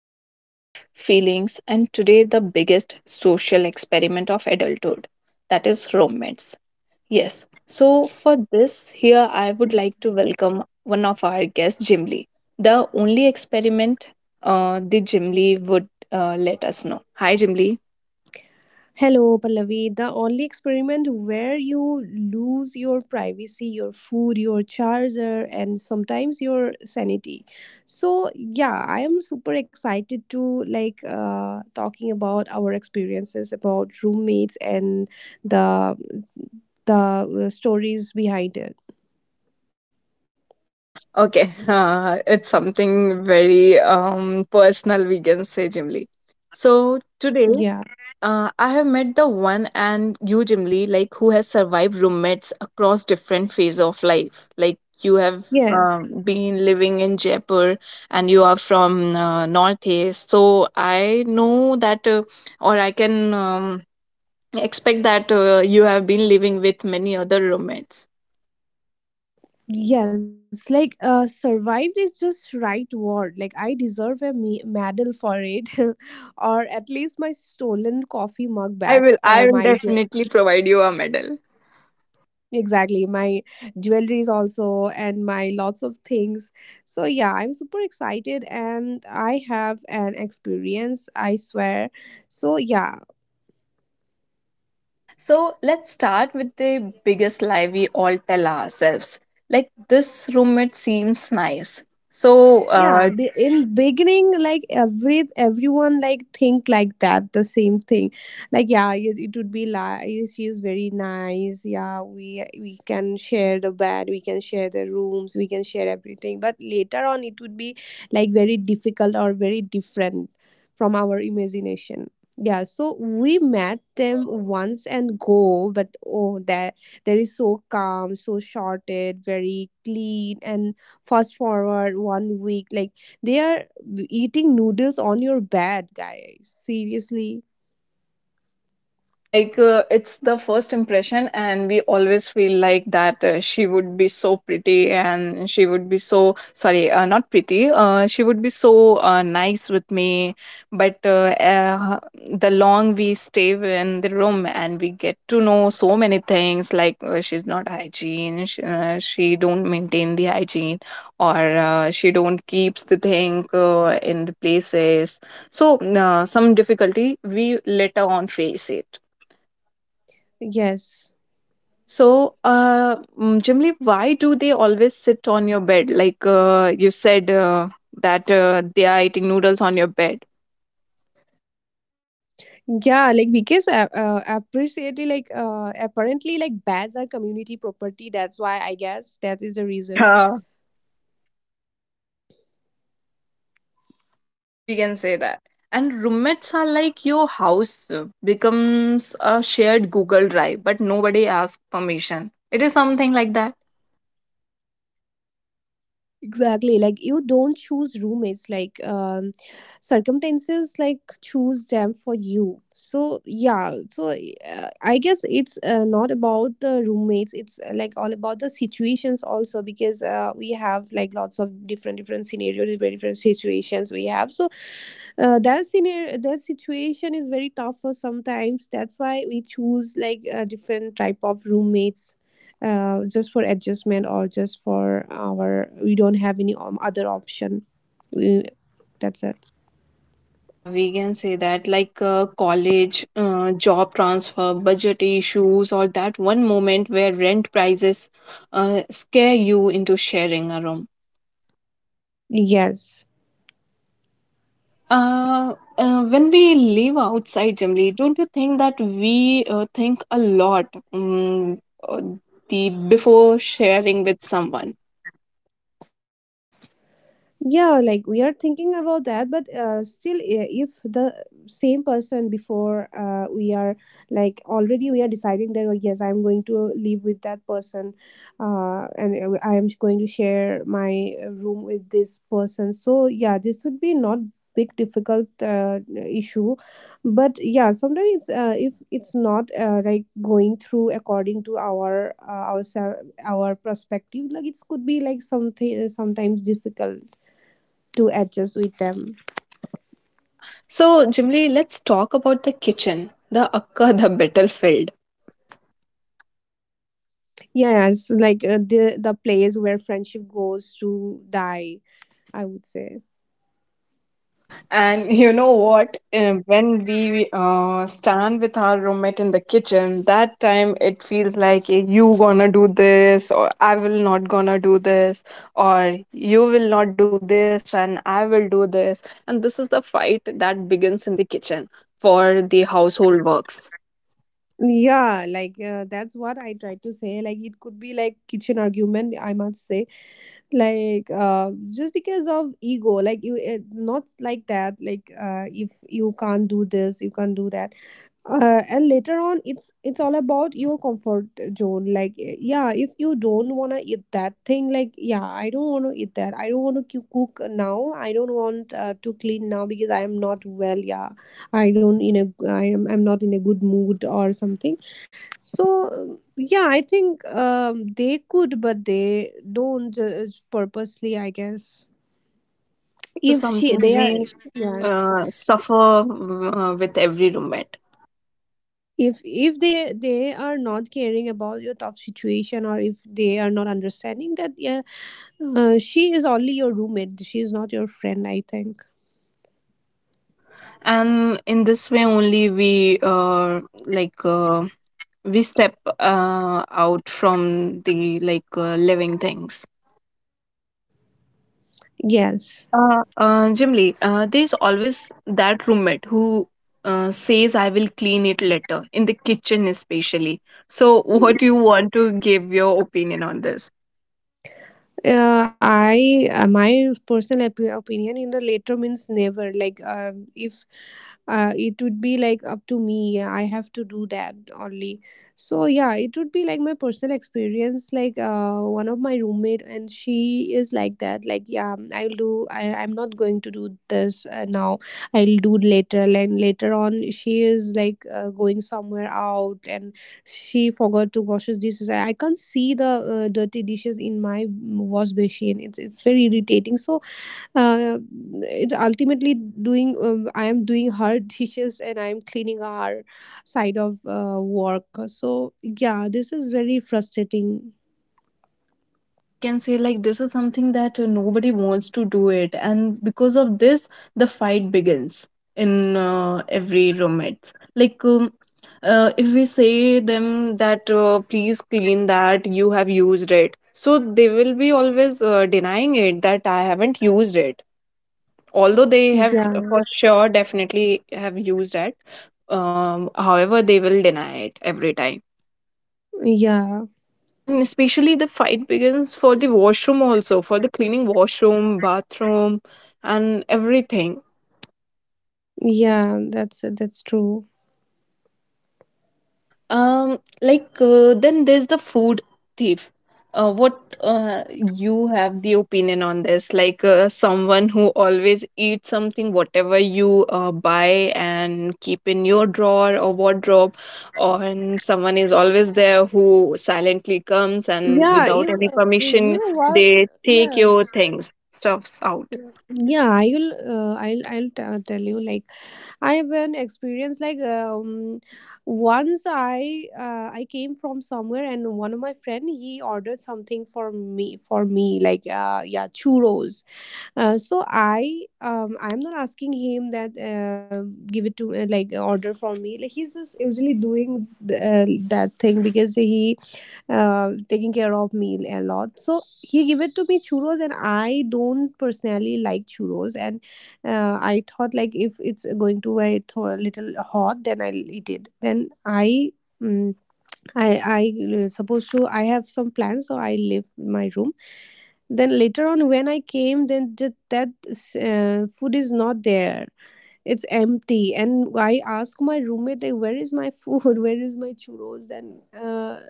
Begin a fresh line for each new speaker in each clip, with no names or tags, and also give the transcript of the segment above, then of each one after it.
about life, feelings, and today the biggest social experiment of adulthood, that is, roommates. Yes, so for this, here I would like to welcome one of our guests, Jim Lee, the only experiment the Jim Lee would let us know. Hi, Jim Lee.
Hello, Pallavi. The only experiment where you lose your privacy, your food, your charger, and sometimes your sanity. So yeah, I am super excited to like talking about our experiences about roommates and the the stories behind it.
Yeah. Okay. It's something very personal, we can say, Jimly. So
Yeah.
today, I have met the one and you, Jimly, like, who has survived roommates across different phase of life. Like you have
Yes.
been living in Jaipur and you are from Northeast. So I know that, or I can expect that you have been living with many other roommates.
Yes, like survived is just right word. Like I deserve a medal for it, or at least my stolen coffee
Yeah,
mug back,
I
or
will
my
definitely provide you a medal.
exactly my jewelries also, and my lots of things. So yeah, I'm super excited, and I have an experience. I swear. So yeah,
Okay, so let's start with the biggest lie we all tell ourselves. Like, this roommate seems nice. So,
yeah, in beginning, like everyone like think like that the same thing, like yeah, it would be like she's very nice. Yeah, we can share the bed, we can share the rooms, we can share everything, but later on it would be like very difficult or very different from our imagination. Yeah, so we met them once and go, but oh, that there is so calm, so sorted, very clean, and fast forward one week, like they are eating noodles on your bed, guys, seriously.
yeah, like it's the first impression, and we always feel like that she would be so pretty and she would be so sorry, not pretty, she would be so nice with me. But the long we stay in the room and we get to know so many things, like she's not hygiene, she don't maintain the hygiene, or she don't keeps the thing in the places, so some difficulty we later on face it.
Yes.
So generally, why do they always sit on your bed, like you said that they are eating noodles on your bed?
Yeah, like because appreciated like apparently, like beds are community property, that's why I guess that is the reason.
Yeah, we can say that. And roommates are like your house becomes a shared Google Drive, but nobody asks permission. It is something like that.
Exactly, like you don't choose roommates, like circumstances like choose them for you. So yeah, so I guess it's not about the roommates, it's like all about the situations also, because we have like lots of different different scenarios, very different situations we have. So that scenario, that situation is very tough for sometimes, that's why we choose like a different type of roommates, just for adjustment, or just for our, we don't have any other option, we, that's it.
Yeah, we can say that, like, college, job transfer, budget issues, or that one moment where rent prices scare you into sharing a room.
Yes.
Okay. When we live outside, generally, don't you think that we think a lot um, uh, the before sharing with someone?
Yeah, like we are thinking about that, but still if the same person before we are, like already we are deciding that oh, yes, I'm going to live with that person, and I am going to share my room with this person. So yeah, this would be not big difficult issue. But yeah, sometimes it's, if it's not like going through according to our ourselves, our perspective, like it could be like something sometimes difficult to adjust with them.
Yeah. So, generally, let's talk about the kitchen, the akka, the battlefield.
Yes, like the place where friendship goes to die, I would say.
Yeah, and you know what? When we stand with our roommate in the kitchen, that time it feels like, eh, you gonna do this, or I will not gonna do this, or you will not do this, and I will do this. And this is the fight that begins in the kitchen for the household works.
Yeah, like that's what I tried to say, like it could be like kitchen argument, I must say, like just because of ego, like you, not like that. Like if you can't do this, you can't do that, and later on, it's all about your comfort zone. Like eh, yeah, if you don't want to eat that thing, like yeah, I don't want to eat that, I don't want to cook now, I don't want to clean now because I am not well. Yeah, I don't in a I am I'm not in a good mood or something. So yeah, I think they could, but they don't purposely, I guess.
Yeah, this is
If she
something
they are
we
yes
suffer with every roommate.
if they are not caring about your tough situation, or if they are not understanding that, yeah, she is only your roommate, she is not your friend, I think.
Yeah, and in this way only we like. We step out from the like living things. So
Yes.
Jim Lee, there's always that roommate who says, I will clean it later, in the kitchen especially. So what you want to give your opinion on this?
I my personal opinion, in the later means never. Like if it would be like up to me, I have to do that only. So yeah, it would be like my personal experience. Like one of my roommate, and she is like that, like yeah, I'll do, I'm not going to do this now, I'll do later. And later on, she is like going somewhere out, and she forgot to wash his dishes. I can't see the dirty dishes in my wash basin. It's very irritating. So, uh, it's ultimately doing I am doing her dishes, and I am cleaning our side of work. So yeah, this is very frustrating.
Yeah, we can say, like, this is something that nobody wants to do it, and because of this, the fight begins in every roommate. Like, if we say them that please clean that you have used it, so they will be always denying it that I haven't used it, although they have
Yeah,
for sure definitely have used it. However, they will deny it every time,
yeah,
and especially the fight begins for the washroom also, for the cleaning washroom, bathroom, and everything.
yeah. That's true.
Okay. Like then there's the food thief. What you have the opinion on this? Like someone who always eats something, whatever you buy and keep in your drawer or wardrobe, or and someone is always there who silently comes and
Yeah,
without
if
any
you
permission
know what,
they take your
yes.
things, stuffs out.
Yeah, I will. I'll tell you. Like, I have an experience like once I came from somewhere, and one of my friend he ordered something for me like yeah, churros. So I'm not asking him that give it to like order for me. Like he's just usually doing that thing, because he taking care of meal a lot, so he gave it to me churros, and I don't personally like churros. And I thought like if it's going to be a little hot, then I'll eat it. Then i mm, i i uh, supposed to, I have some plans, so I leave my room. Then later on when I came, then that food is not there, it's empty. And I ask my roommate like where is my food, where is my churros. Then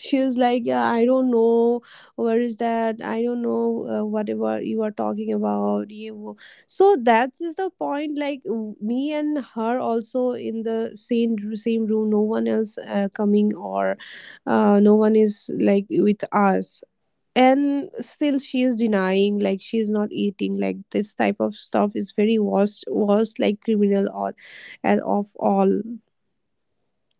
she was like, "Yeah, I don't know where is that, I don't know, whatever you are talking about, ye wo." So that is the point, like me and her also in the same room, no one else coming, or no one is like with us, and still she is denying, like she is not eating. Like this type of stuff is very worst worst, like criminal all and of all.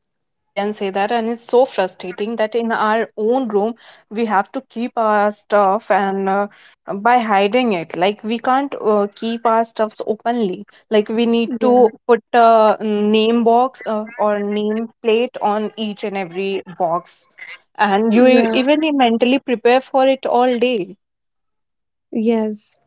Yeah, we can say that, and it's so frustrating that in our own room we have to keep our stuff and by hiding it, like we can't keep our stuffs openly. Like, we need
Yeah.
to put a name box or name plate on each and every box, and you
Yeah.
even you mentally prepare for it all day.
Yes.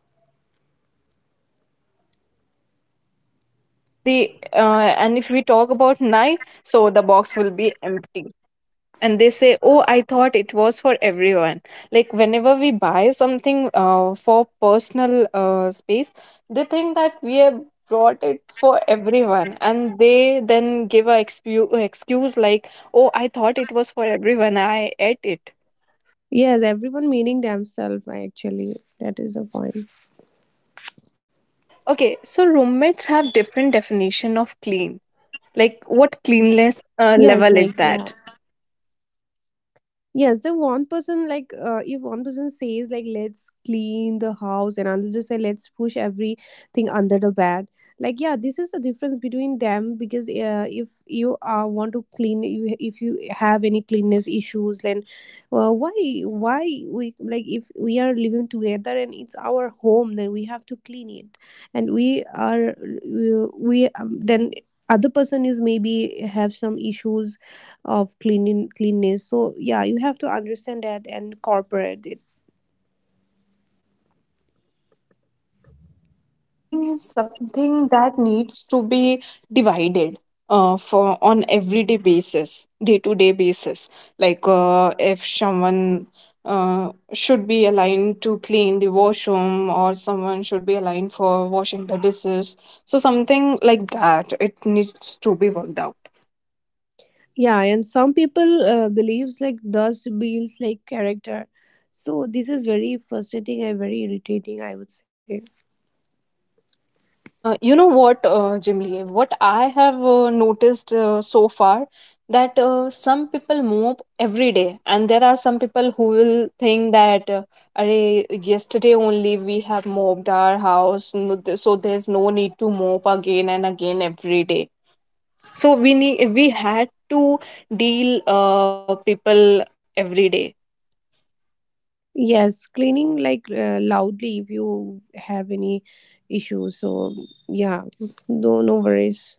And the and if we talk about night, so the box will be empty and they say, oh, I thought it was for everyone. Like, whenever we buy something for personal space, they think that we have brought it for everyone, and they then give a excuse like, oh, I thought it was for everyone, I ate it.
Yes, everyone meaning themselves, actually, that is the point.
Okay, so roommates have different definition of clean. Like, what
Yes,
cleanliness
like yeah.
level is that?
Yes, the one person, like if one person says like let's clean the house, and others just say let's push everything under the bed. Like yeah, this is a difference between them, because if you want to clean, you, if you have any cleanness issues, then uh, why why we, like if we are living together and it's our home, then we have to clean it. And we are, we, then other person is maybe have some issues of cleanness. So yeah, you have to understand that and incorporate it.
Yeah, cleaning is something that needs to be divided for on everyday basis, day to day basis. Like if someone should be aligned to clean the washroom, or someone should be aligned for washing the dishes. So something like that, it needs to be worked out.
Yeah, and some people believes like dust builds like character, so this is very frustrating and very irritating, I would say.
Yeah, you know what, Jimli, what I have noticed so far, that some people move every day, and there are some people who will think that, "Arey, yesterday only we have mopped our house, so there's no need to mop again and again every day." So we need, we had to deal people every day.
Yes, cleaning, like loudly, if you have any issues, so yeah, no no worries.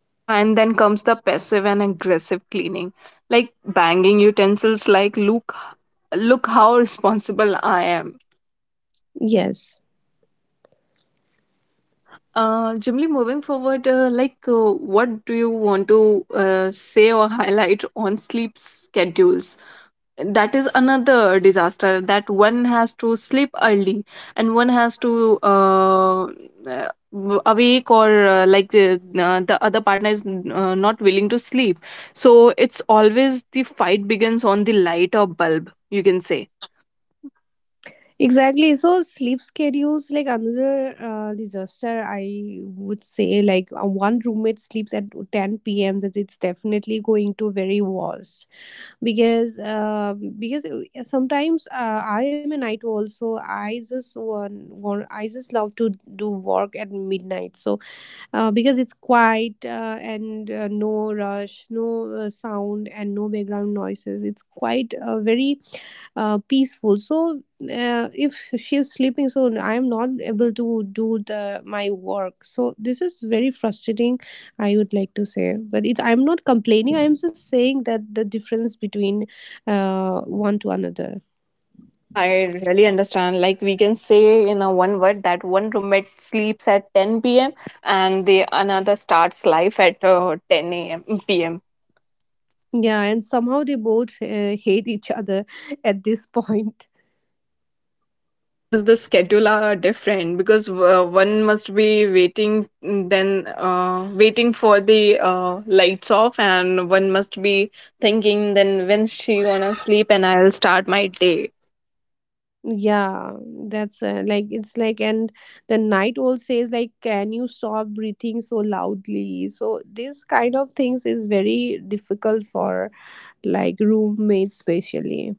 Yeah, and then comes the passive and aggressive cleaning, like banging utensils like, look, look how responsible I am.
Yes.
Okay. Jimly, moving forward, like what do you want to say or highlight on sleep schedules? That is another disaster, that one has to sleep early and one has to awake, or like the other partner is not willing to sleep, so it's always the fight begins on the light or bulb, you can say.
Exactly. So sleep schedules, like another disaster, I would say. Like one roommate sleeps at 10 p.m. That it's definitely going to very worst, because sometimes I am a night owl, so I just want I just love to do work at midnight. So because it's quiet and no rush, no sound, and no background noises. It's quite very peaceful. So if she's sleeping, so I am not able to do the my work. So this is very frustrating, I would like to say. But it I'm not complaining, I am just saying that the difference between one to another.
Yeah, I really understand. Like, we can say in a one word that one roommate sleeps at 10 p.m. and the another starts life at 10 a.m. p.m.
Yeah, and somehow they both hate each other at this point.
Yeah, because the schedule are different. Because one must be waiting, then waiting for the lights off, and one must be thinking, then when she gonna sleep, and I'll start my day.
Yeah, that's like it's like, and the night owl says like, "Can you stop breathing so loudly?" So this kind of things is very difficult for like roommates, especially.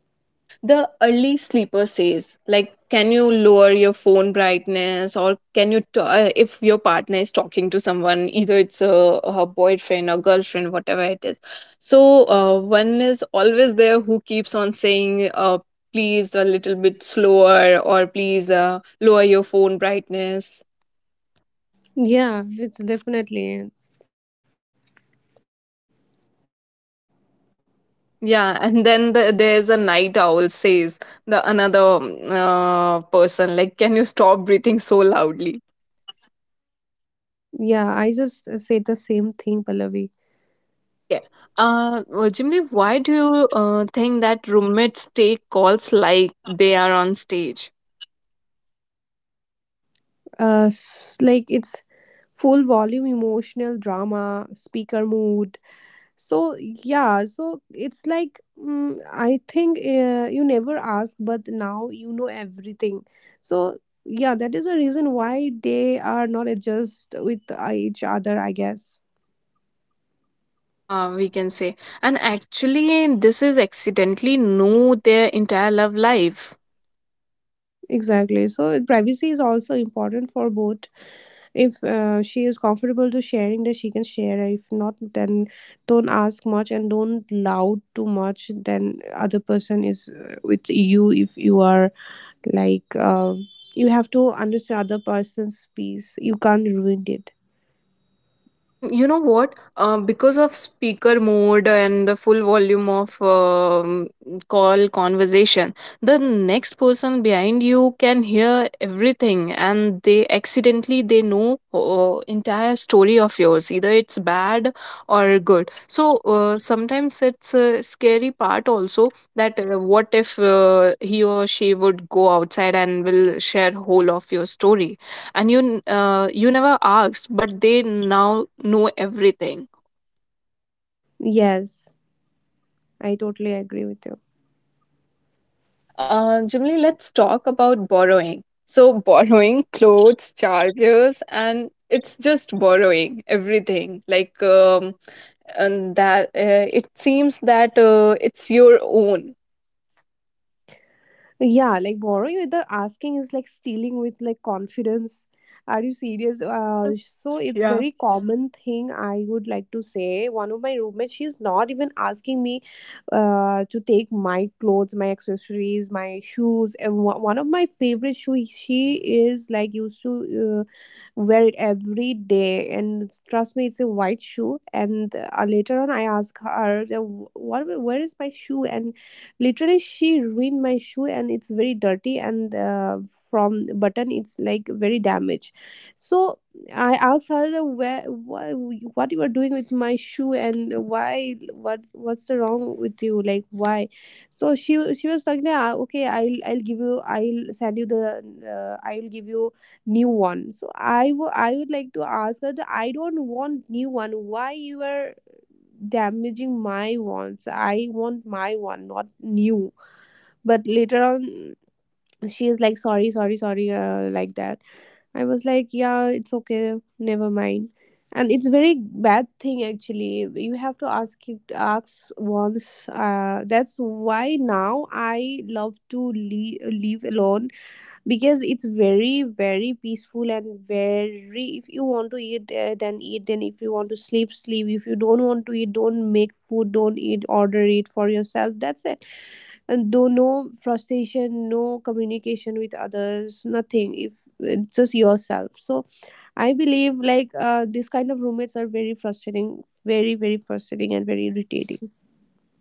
Yeah, the early sleeper says, like, can you lower your phone brightness, or can you, if your partner is talking to someone, either it's a boyfriend or girlfriend, whatever it is. So, one is always there who keeps on saying, please a little bit slower, or please lower your phone brightness.
Yeah, it's definitely.
Yeah, and then there's a night owl says the another person like, can you stop breathing so loudly?
Yeah, I just say the same thing, Pallavi.
Okay. Well, Jimmy, why do you think that roommates take calls like they are on stage?
Like it's full volume emotional drama, speaker mood. So yeah, so it's like I think you never ask, but now you know everything. So yeah, that is a reason why they are not adjust with each other, I guess.
Yeah, we can say. And actually, this is accidentally know their entire love life.
Exactly. So privacy is also important for both. If she is comfortable to sharing, then she can share. If not, then don't ask much and don't loud too much. Then other person is with you if you are. Like, you have to understand the other person's peace. You can't ruin it.
Yeah, and you know what? Because of speaker mode and the full volume of call conversation, the next person behind you can hear everything, and they accidentally they know entire story of yours. Either it's bad or good. So sometimes it's a scary part also, that what if he or she would go outside and will share whole of your story, and you never asked but they now know everything.
Yes, I totally agree with you.
Okay. Jimli, let's talk about borrowing. So, borrowing clothes, chargers, and it's just borrowing everything. Like, and that, it seems that it's your own.
Yeah, like borrowing with the asking is like stealing with like confidence. Are you serious? So it's
Yeah,
very common thing, I would like to say. One of my roommates, she's not even asking me to take my clothes, my accessories, my shoes. And one of my favorite shoes, she is like used to uh, wear it every day. And trust me, it's a white shoe. And later on, I ask her, What? Where is my shoe?" And literally she ruined my shoe and it's very dirty and from button it's like very damaged. So I asked her the where why, what you are doing with my shoe? And why? What's the wrong with you? Like, why? So she was like, "Yeah, okay, I'll give you, I'll send you the I'll give you new one." So I would like to ask her that I don't want new one. Why you are damaging my wants? I want my one, not new. But later on, she is like, "Sorry, sorry, sorry," like that. I was like, "Yeah, it's okay, never mind." And it's very bad thing actually. You have to ask it ask once. That's why now I love to leave alone, because it's very very peaceful. And very, if you want to eat, then eat. Then if you want to sleep, sleep. If you don't want to eat, don't make food, don't eat, order it for yourself, that's it. And do no frustration, no communication with others, nothing, if it's just yourself. So I believe like, this kind of roommates are very frustrating, very very frustrating and very irritating.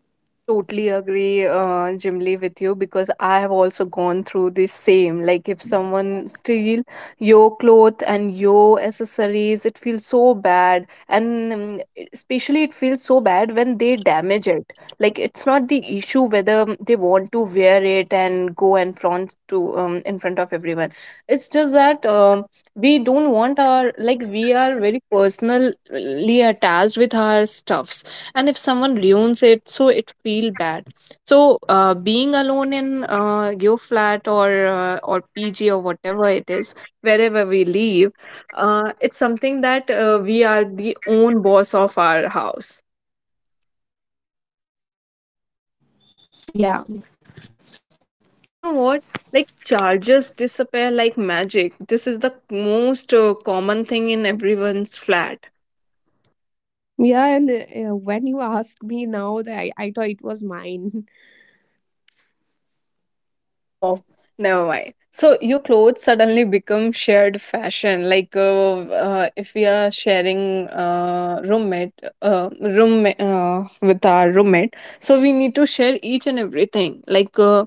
I totally agree, Jimly, with you, because I have also gone through the same. Like, if someone steal your cloth and your accessories, it feels so bad, and especially it feels so bad when they damage it. Like, it's not the issue whether they want to wear it and go and front to in front of everyone. It's just that we don't want our, like, we are very personally attached with our stuffs, and if someone ruins it, so it feel bad. So being alone in your flat or PG or whatever it is, wherever we live, it's something that we are the own boss of our house.
Yeah,
And you know what, like, chargers disappear like magic. This is the most common thing in everyone's flat.
yeah, and when you ask me now that I thought it was mine.
Oh, never mind. So your clothes suddenly become shared fashion. Like, if we are sharing roommate, room with our roommate, so we need to share each and everything. Like,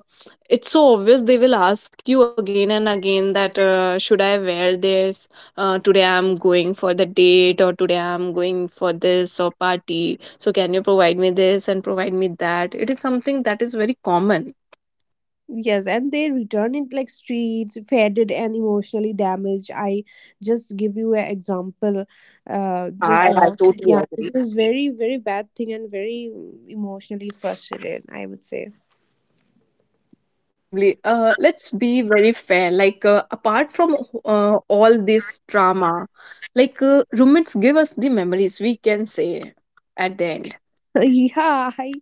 it's so obvious they will ask you again and again that, should I wear this? Today I'm going for the date, or today I'm going for this or party. So can you provide me this and provide me that? It is something that is very common.
Yes, and they return it like streets, faded and emotionally damaged. I just give you an example
Yeah,
just
I
now.
totally
Yeah, this
agree.
is very, very bad thing and very emotionally frustrated, I would say.
Okay, Shibli, let's be very fair. Apart from all this drama, roommates give us the memories, we can say, at the end.
Yeah, I,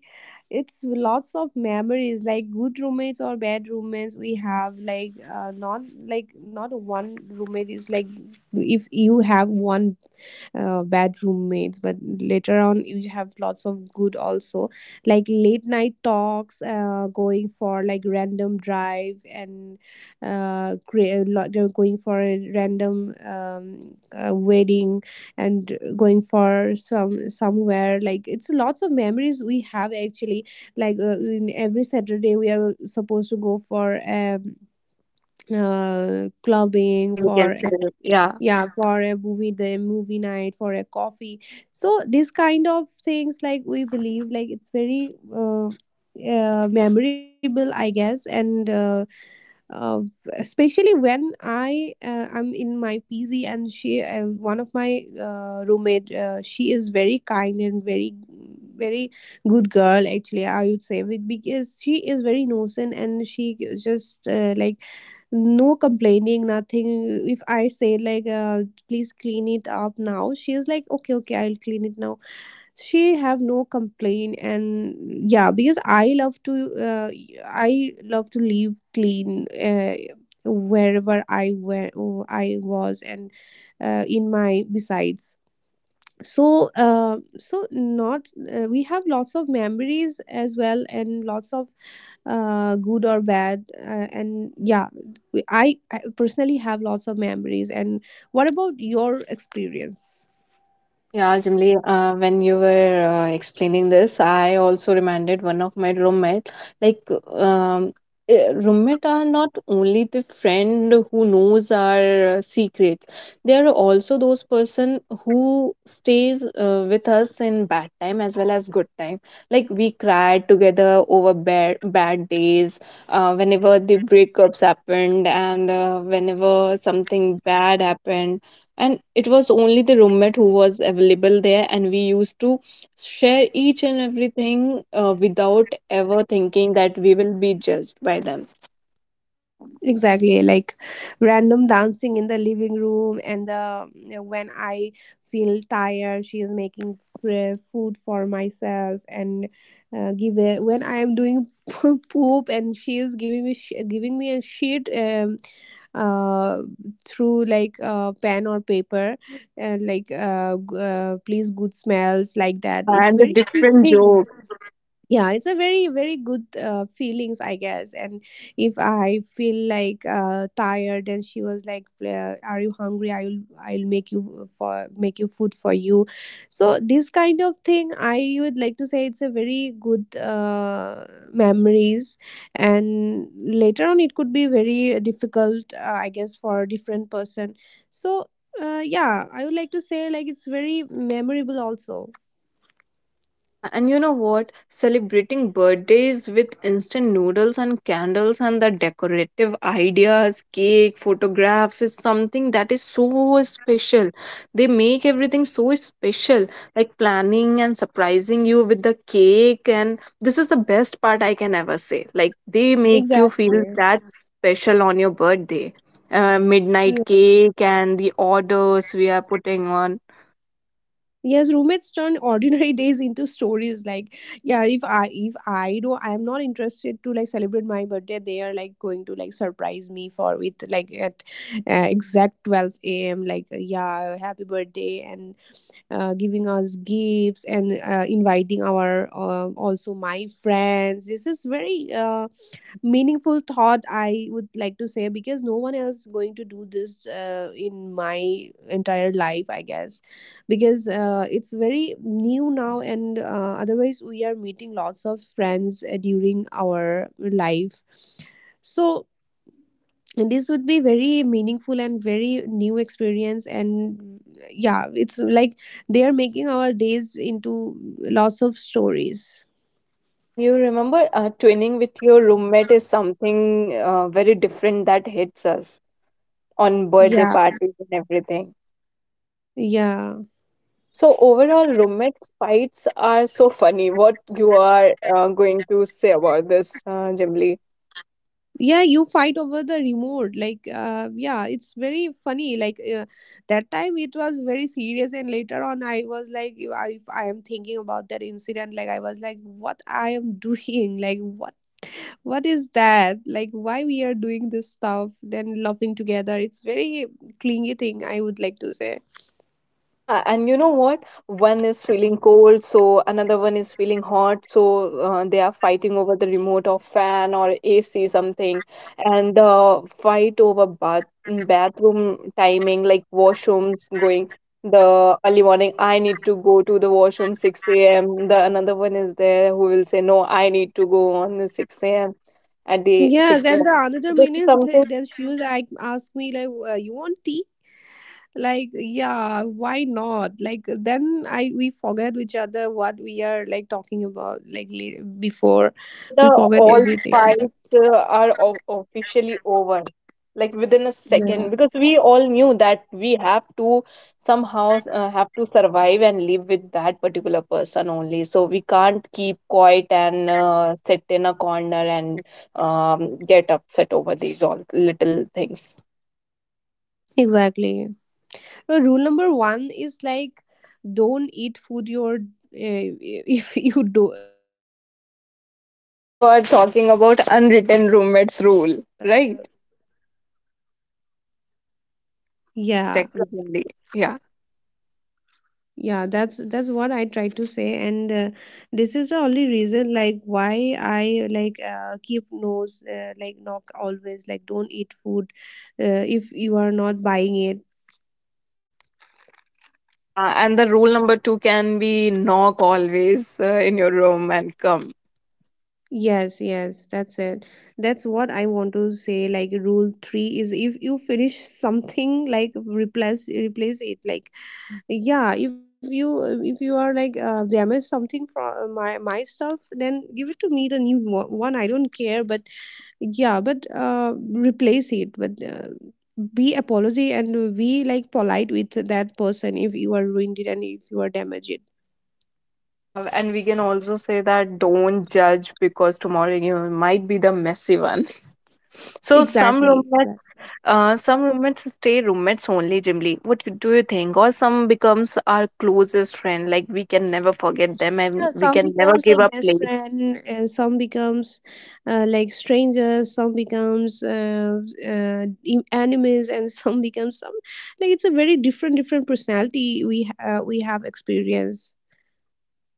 it's lots of memories, like good roommates or bad roommates we have, like not like not one roommate is like. If you have one bad roommates, but later on you have lots of good also, like late night talks, going for like random drive, and going for a random wedding, and going for some somewhere, like it's lots of memories we have actually. Like in every Saturday we are supposed to go for clubbing,
Party, we
for
can
a-
say. Yeah.
yeah, for a movie, the movie night, for a coffee. So this kind of things, like we believe like it's very memorable, I guess. And uh, especially when I'm in my PZ. And she one of my roommate, she is very kind and very very good girl, actually, I would say. With, because she is very innocent and she is just like no complaining, nothing. If I say like, "Please clean it up now," she is like, "Okay, okay, I'll clean it now." She have no complaint. And yeah, because I love to I love to leave clean wherever I went, I was. And in my besides. So so not, we have lots of memories as well, and lots of good or bad, and yeah, I personally have lots of memories. And what about your experience?
Yeah, generally, when you were explaining this, I also reminded one of my roommate, like, um, roommate are not only the friend who knows our secrets. They are also those person who stays with us in bad time as well as good time. Like we cried together over bad days, whenever the breakups happened and whenever something bad happened, and it was only the roommate who was available there and we used to share each and everything without ever thinking that we will be judged by them.
Exactly, like random dancing in the living room, and the, when I feel tired she is making food for myself. And give a, when I am doing poop and she is giving me giving me a sheet, uh, through like pen or paper, and like please good smells, like that.
Yeah,
It's
and the
very cute
different
thing.
jokes.
Yeah, it's a very very good feelings, I guess. And if I feel like tired, and she was like, "Are you hungry? I'll make you, for make you food for you." So this kind of thing I would like to say, it's a very good memories. And later on it could be very difficult, I guess, for a different person. So yeah, I would like to say like it's very memorable also.
Yeah, and you know what? Celebrating birthdays with instant noodles and candles and the decorative ideas, cake, photographs is something that is so special. They make everything so special, like planning and surprising you with the cake. And this is the best part I can ever say. Like, they make you feel
Exactly.
that special on your birthday. Midnight cake and the orders we are putting on.
Yes, roommates turn ordinary days into stories. Like, yeah, if I do, I am not interested to like celebrate my birthday. They are like going to like surprise me for with like at exact 12 a.m. Like, yeah, happy birthday, and giving us gifts and inviting our also my friends. This is very meaningful thought, I would like to say, because no one else going to do this in my entire life, I guess. Because it's very new now, and otherwise we are meeting lots of friends during our life. So this would be very meaningful and very new experience. And yeah, it's like they are making our days into lots of stories.
Yeah, and you remember twinning with your roommate is something very different that hits us on birthday
Yeah.
parties and everything.
Yeah,
So overall, roommates fights are so funny. What you are going to say about this, Jimli?
yeah, you fight over the remote, like yeah, it's very funny, like that time it was very serious. And later on I was like, if I am thinking about that incident, like I was like, "What I am doing? Like, what is that? Like, why we are doing this stuff?" Then laughing together, it's very clingy thing, I would like to say.
Yeah, and you know what? One is feeling cold, so another one is feeling hot, so they are fighting over the remote or fan or AC something, and the fight over bathroom timing, like washrooms going the early morning. I need to go to the washroom 6 a.m. The another one is there who will say no, I need to go on the 6 a.m. at the
Yes,
6
and the
a.m.
another
This is
minute,
something.
then she was like asked me like, "You want tea?" Like, yeah, why not. Like, then I, we forget each other what we are like talking about, before
Yeah, and the
we forget
all the
everything. Yeah.
fights are officially over, like within a
Yeah.
second, because we all knew that we have to somehow have to survive and live with that particular person only. So we can't keep quiet and sit in a corner and get upset over these all little things.
Exactly. Rule number one is like, don't eat food you're if you do
So you are talking about unwritten roommates rule, right? Yeah,
Yeah,
exactly, Jinli. Yeah.
yeah, that's what I try to say, and this is the only reason, like why I like, keep nose, like knock always, like don't eat food if you are not buying it.
Yeah, and the rule number two can be knock always in your room and come.
Yes, yes, that's it. That's what I want to say. Like rule 3 is if you finish something, like replace it, like yeah. If you if you are like, damage something from my stuff, then give it to me the new one, I don't care, but yeah. But replace it with, be apology and be like polite with that person if you are ruined it and if you are damaged it.
Yeah, and we can also say that don't judge because tomorrow you might be the messy one. So some
Exactly,
roommates,
exactly,
some roommates stay roommates only, Jimly. Do you think? Or some becomes our closest friend. Like we can never forget them and
yeah,
we
some
can never
becomes
give
like
up
best
place.
friend, some becomes like strangers, some becomes enemies and some becomes some, like it's a very different personality we have experience.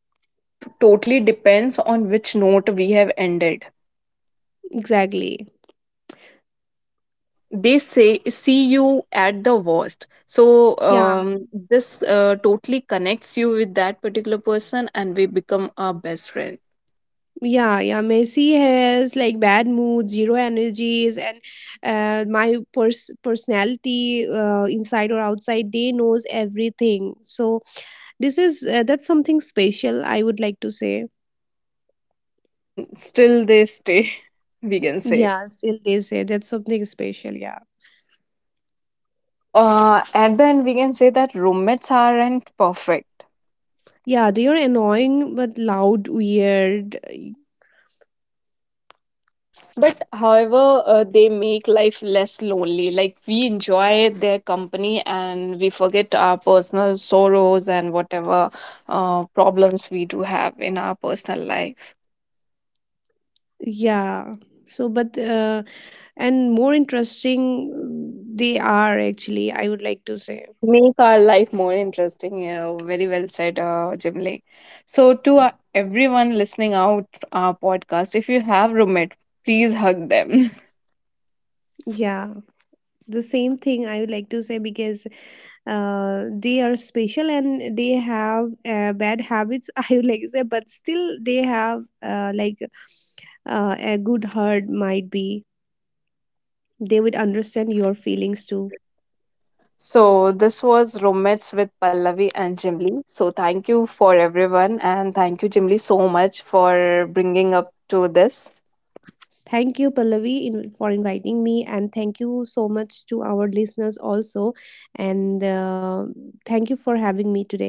Yeah, and it totally depends on which note we have ended.
Exactly,
And they say see you at the worst, so
yeah.
this totally connects you with that particular person and we become our best friend,
Yeah, yeah. Messy hairs, like bad mood, zero energies, and my personality, inside or outside, they knows everything. So this is that's something special, I would like to say.
and still they stay, we can say.
Yeah, still they say that's something special. Yeah,
So at the end we can say that roommates aren't perfect.
yeah. They are annoying but loud, weird.
Yeah, but however, they make life less lonely. Like we enjoy their company and we forget our personal sorrows and whatever problems we do have in our personal life.
Yeah. So, but and more interesting they are actually, I would like to say.
Yeah, they make our life more interesting. Very well said, Jimli. So, to everyone listening out our podcast, if you have roommate, please hug them.
Yeah, the same thing I would like to say because they are special and they have bad habits, I would like to say, but still they have, like a good heart, might be they would
Yeah.
understand your feelings too.
So this was roommates with Pallavi and Jimli. So thank you for everyone and thank you Jimli so much for bringing up to this.
Thank you, Pallavi, in, for inviting me, and thank you so much to our listeners also. And thank you for having me today.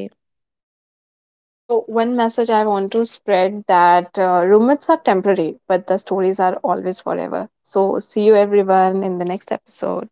So one message I want to spread that roommates are temporary, but the stories are always forever. So see you everyone in the next episode.